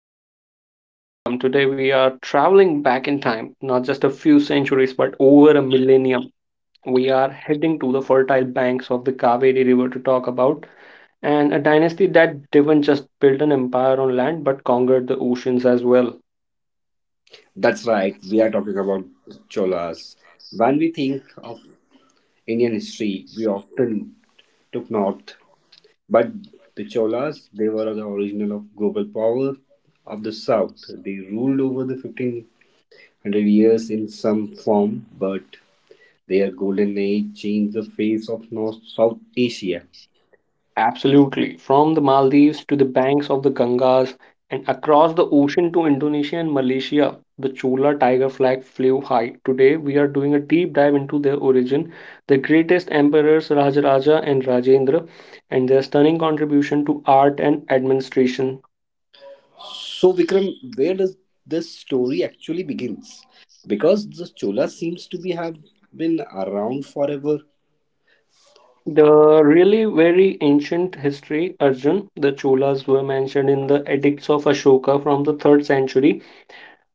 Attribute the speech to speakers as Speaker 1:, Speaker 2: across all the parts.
Speaker 1: I'm Vikram. Today we are traveling back in time, not just a few centuries, but over a millennium. We are heading to the fertile banks of the Kaveri River to talk about, and a dynasty that didn't just build an empire on land but conquered the oceans as well.
Speaker 2: That's right, we are talking about Cholas. When we think of Indian history, we often look north, but the Cholas, they were the original of global power of the south. They ruled over the 1500 years in some form, but their golden age changed the face of North South Asia.
Speaker 1: Absolutely. From the Maldives to the banks of the Gangas and across the ocean to Indonesia and Malaysia, the Chola tiger flag flew high. Today, we are doing a deep dive into their origin, the greatest emperors Rajaraja and Rajendra, and their stunning contribution to art and administration.
Speaker 2: So Vikram, where does this story actually begins? Because the Cholas seems to be have been around forever.
Speaker 1: The really very ancient history, Arjun, the Cholas were mentioned in the edicts of Ashoka from the 3rd century.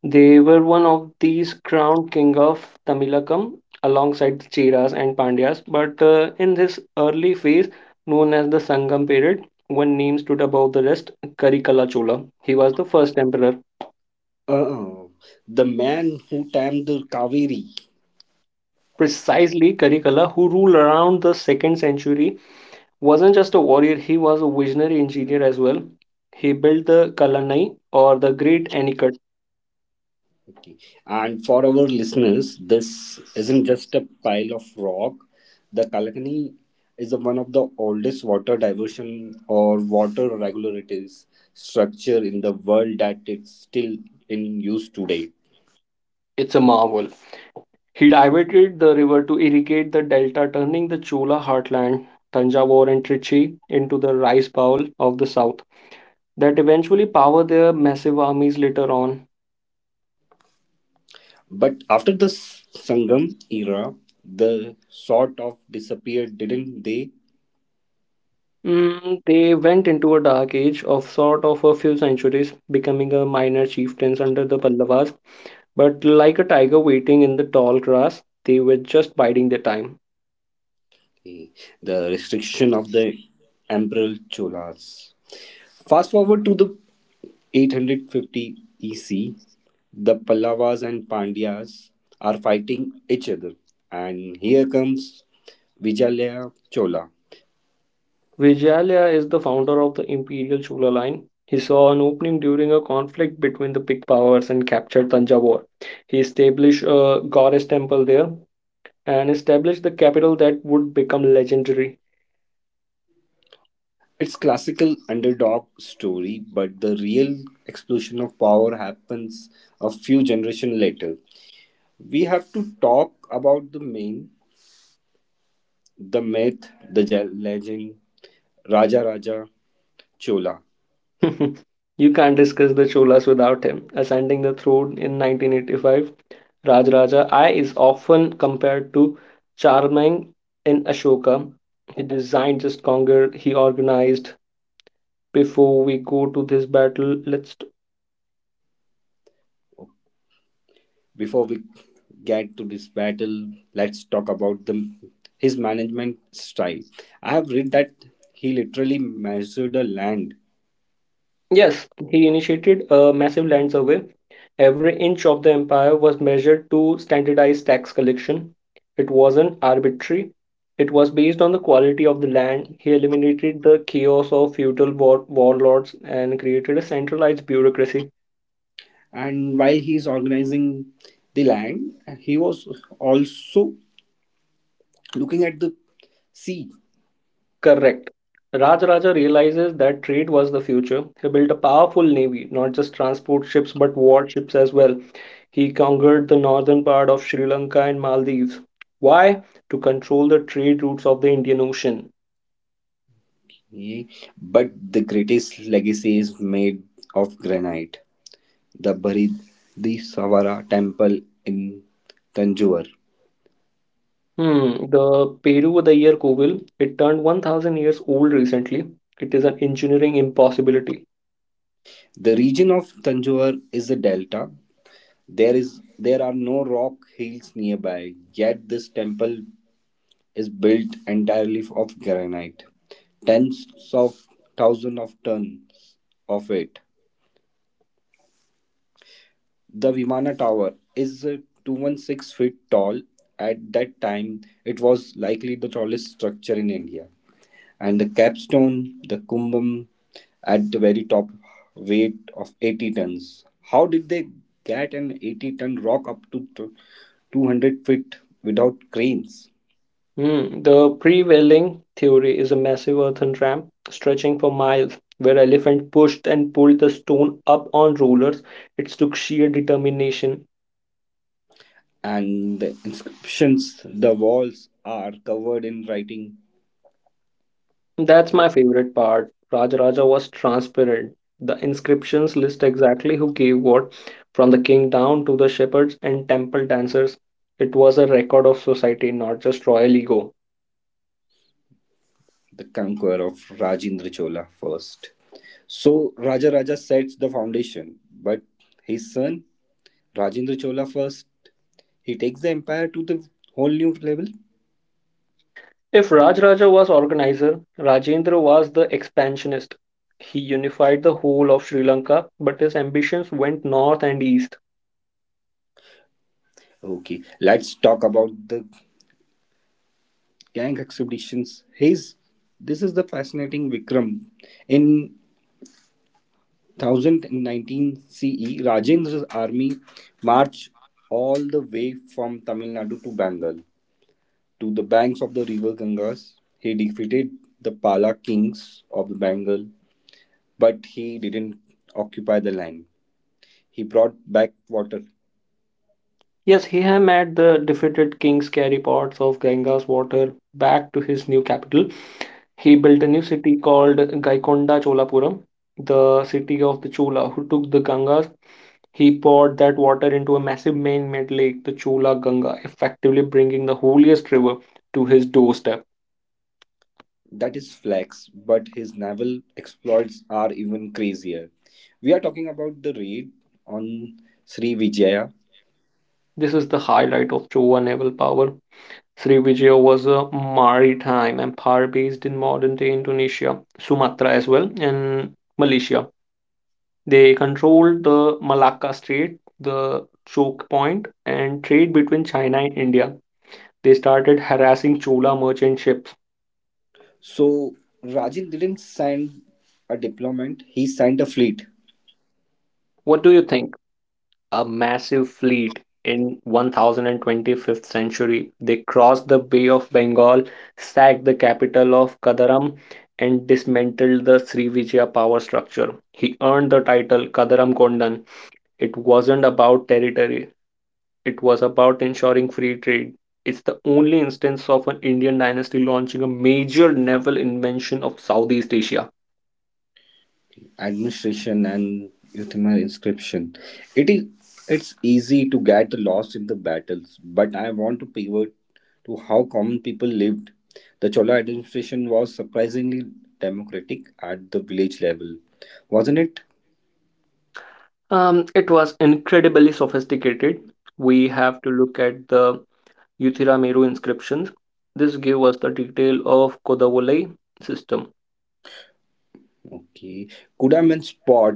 Speaker 1: They were one of these crowned king of Tamilakam alongside the Cheras and Pandyas, but in this early phase, known as the Sangam period, one name stood above the rest, Karikala Chola. He was the first emperor.
Speaker 2: Uh, the man who tamed the Kaveri.
Speaker 1: Precisely, Karikala, who ruled around the 2nd century, wasn't just a warrior, he was a visionary engineer as well. He built the Kalanai or the Great Anicut.
Speaker 2: Okay. And for our listeners, this isn't just a pile of rock. The Kalakani is one of the oldest water diversion or water regulators structure in the world that is still in use today.
Speaker 1: It's a marvel. He diverted the river to irrigate the delta, turning the Chola heartland, Tanjavur and Trichy, into the rice bowl of the south that eventually powered their massive armies later on.
Speaker 2: But after the Sangam era, the sort of disappeared, didn't they?
Speaker 1: They went into a dark age of sort of a few centuries, becoming a minor chieftains under the Pallavas, but like a tiger waiting in the tall grass, they were just biding their time.
Speaker 2: Eh, the restriction of the emperor Cholas. Fast forward to the 850 EC, the Pallavas and Pandyas are fighting each other, and here comes Vijayalaya Chola.
Speaker 1: Vijayalia is the founder of the imperial Chola line. He saw an opening during a conflict between the big powers and captured Tanjavur. He established a goddess temple there and established the capital that would become legendary.
Speaker 2: It's classical underdog story, but the real explosion of power happens a few generations later. We have to talk about the meme, the myth, the legend, Raja Raja Chola.
Speaker 1: You can't discuss the Cholas without him. Ascending the throne in 1985, Rajaraja I is often compared to Charming in Ashoka. He designed just conquered, he organized. Before we go to this battle, let's.
Speaker 2: Before we get to this battle, let's talk about the his management style. I have read that he literally measured the land,
Speaker 1: Yes, he initiated a massive land survey. Every inch of the empire was measured to standardize tax collection. It wasn't arbitrary, it was based on the quality of the land. He eliminated the chaos of feudal warlords and created a centralized bureaucracy.
Speaker 2: and while he is organizing the land, he was also looking at the sea.
Speaker 1: Correct. Rajaraja realizes that trade was the future. He built a powerful navy, not just transport ships but warships as well. He conquered the northern part of Sri Lanka and Maldives. Why? To control the trade routes of the Indian Ocean.
Speaker 2: Yeah. But the greatest legacy is made of granite. The Bharidhi Savara temple in Tanjore.
Speaker 1: The Peru the year Kovil, it turned 1000 years old recently. It is an engineering impossibility.
Speaker 2: The region of Tanjore is a delta. There are no rock hills nearby, yet this temple is built entirely of granite. Tens of thousands of tons of it. The Vimana Tower is 216 feet tall. At that time, it was likely the tallest structure in India. And the capstone, the kumbum, at the very top, weight of 80 tons. How did they get an 80-ton rock up to 200 feet without cranes?
Speaker 1: The prevailing theory is a massive earthen ramp stretching for miles where elephant pushed and pulled the stone up on rollers. It took sheer determination.
Speaker 2: And the inscriptions, the walls are covered in writing
Speaker 1: That's my favorite part. Rajaraja was transparent. The inscriptions list exactly who gave what, from the king down to the shepherds and temple dancers. It was a record of society, not just royal ego.
Speaker 2: the conqueror of Rajendra Chola first. So Raja Raja sets the foundation, but his son Rajendra Chola first he takes the empire to the whole new level.
Speaker 1: If Rajaraja was organizer, Rajendra was the expansionist. He unified the whole of Sri Lanka, but his ambitions went north and east.
Speaker 2: Okay, let's talk about the gang expeditions. His this is the fascinating Vikram. In 1019 CE, Rajendra's army marched all the way from Tamil Nadu to Bengal to the banks of the river Gangas. He defeated the Pala kings of Bengal, but he didn't occupy the land. He brought back water.
Speaker 1: Yes, he had made the defeated kings carry parts of Ganga's water back to his new capital. He built a new city called Gaikonda Cholapuram, the city of the Chola, who took the Gangas. He poured that water into a massive man-made lake, the Chola Ganga, effectively bringing the holiest river to his doorstep.
Speaker 2: That is flex, but his naval exploits are even crazier. We are talking about the raid on Sri Vijaya.
Speaker 1: This is the highlight of Chola naval power. Srivijaya was a maritime empire based in modern-day Indonesia, Sumatra as well, and Malaysia. They controlled the Malacca Strait, the choke point, and trade between China and India. They started harassing Chola merchant ships.
Speaker 2: So Rajan didn't send a deployment, he sent a fleet.
Speaker 1: What do you think? A massive fleet in 1025th century. They crossed the Bay of Bengal, sacked the capital of Kadaram, and dismantled the Srivijaya power structure. He earned the title Kadaram Kondan. It wasn't about territory, it was about ensuring free trade. It's the only instance of an Indian dynasty launching a major naval invention of Southeast Asia.
Speaker 2: Administration and Euthymar inscription. It is it's easy to get lost in the battles, but I want to pivot to how common people lived. The Chola administration was surprisingly democratic at the village level, wasn't it?
Speaker 1: It was incredibly sophisticated. We have to look at the Uthiramaru inscriptions. This gave us the detail of Kodavulai system.
Speaker 2: Okay. Kuda means pot,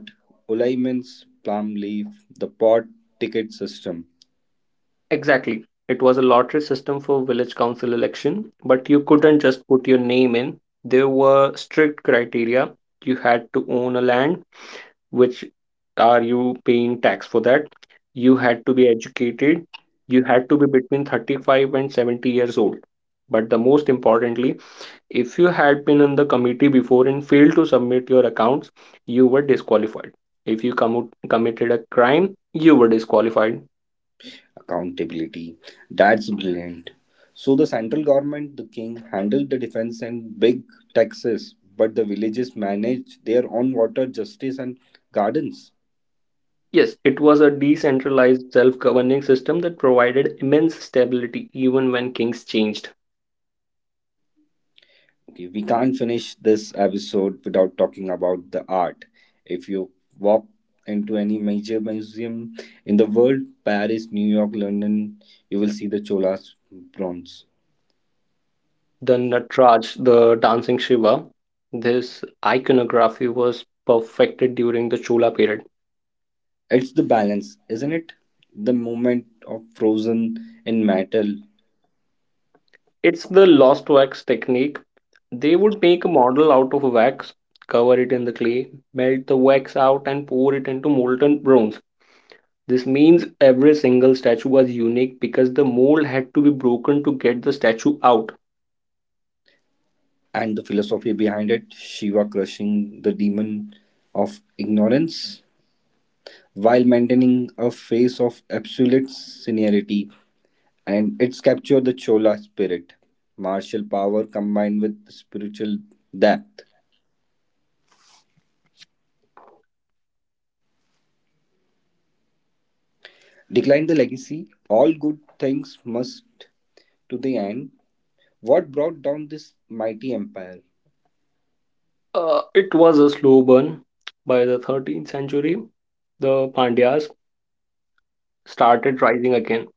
Speaker 2: ulai means palm leaf, the pot ticket system,
Speaker 1: Exactly. It was a lottery system for village council election, but you couldn't just put your name in. There were strict criteria. You had to own a land, which are you paying tax for that? You had to be educated. You had to be between 35 and 70 years old. But the most importantly, if you had been on the committee before and failed to submit your accounts, you were disqualified. If you committed a crime, you were disqualified.
Speaker 2: accountability. That's brilliant. So the central government, the king, handled the defense and big taxes, but the villages managed their own water, justice, and gardens.
Speaker 1: Yes, it was a decentralized self governing system that provided immense stability even when kings changed.
Speaker 2: Okay, we can't finish this episode without talking about the art. If you walk into any major museum in the world, Paris, New York, London, you will see the Cholas bronze.
Speaker 1: The Natraj, the dancing Shiva, this iconography was perfected during the Chola period.
Speaker 2: It's the balance, isn't it? The moment of frozen in metal
Speaker 1: It's the lost wax technique. They would make a model out of wax, cover it in the clay, melt the wax out, and pour it into molten bronze. This means every single statue was unique because the mold had to be broken to get the statue out.
Speaker 2: and the philosophy behind it, Shiva crushing the demon of ignorance while maintaining a face of absolute seniority, and it's captured the Chola spirit, martial power combined with spiritual depth. Decline the legacy, all good things must to the end. What brought down this mighty empire?
Speaker 1: It was a slow burn. By the 13th century, the Pandyas started rising again.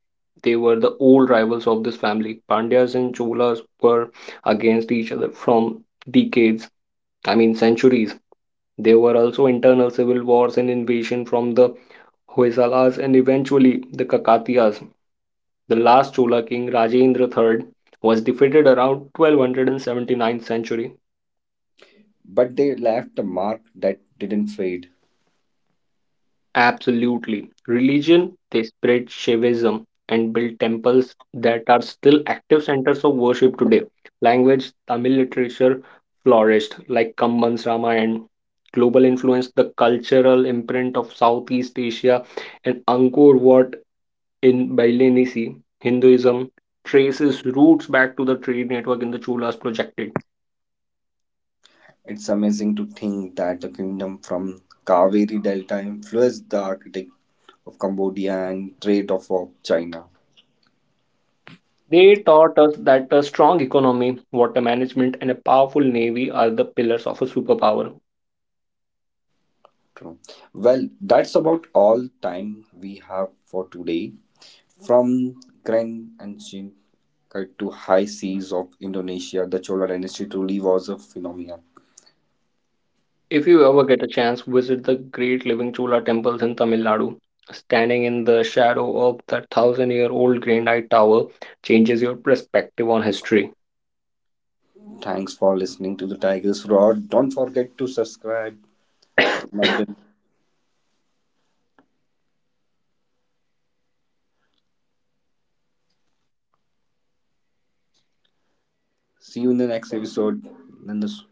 Speaker 1: They were the old rivals of this family. Pandyas and Cholas were against each other from decades. I mean, centuries. There were also internal civil wars and invasion from the Hoysalas and eventually the Kakatiyas. The last Chola king, Rajendra III, was defeated around 1279th century.
Speaker 2: But they left a mark that didn't fade.
Speaker 1: Absolutely. Religion, they spread Shaivism and built temples that are still active centers of worship today. Language, Tamil literature flourished, like Kamban's Ramayana. Global influence, the cultural imprint of Southeast Asia, and Angkor Wat in Balinese Hinduism traces roots back to the trade network in the Cholas projected.
Speaker 2: It's amazing to think that the kingdom from Kaveri Delta influenced the architect of Cambodia and trade of China.
Speaker 1: They taught us that a strong economy, water management, and a powerful navy are the pillars of a superpower.
Speaker 2: True. Well, that's about all time we have for today. From grand ancient to high seas of Indonesia, the Chola dynasty truly was a phenomenon.
Speaker 1: If you ever get a chance, visit the great living Chola temples in Tamil Nadu. Standing in the shadow of that 1000-year-old granite tower changes your perspective on history.
Speaker 2: Thanks for listening to the Tiger's Roar. Don't forget to subscribe. Marvin. See you in the next episode. Nandus.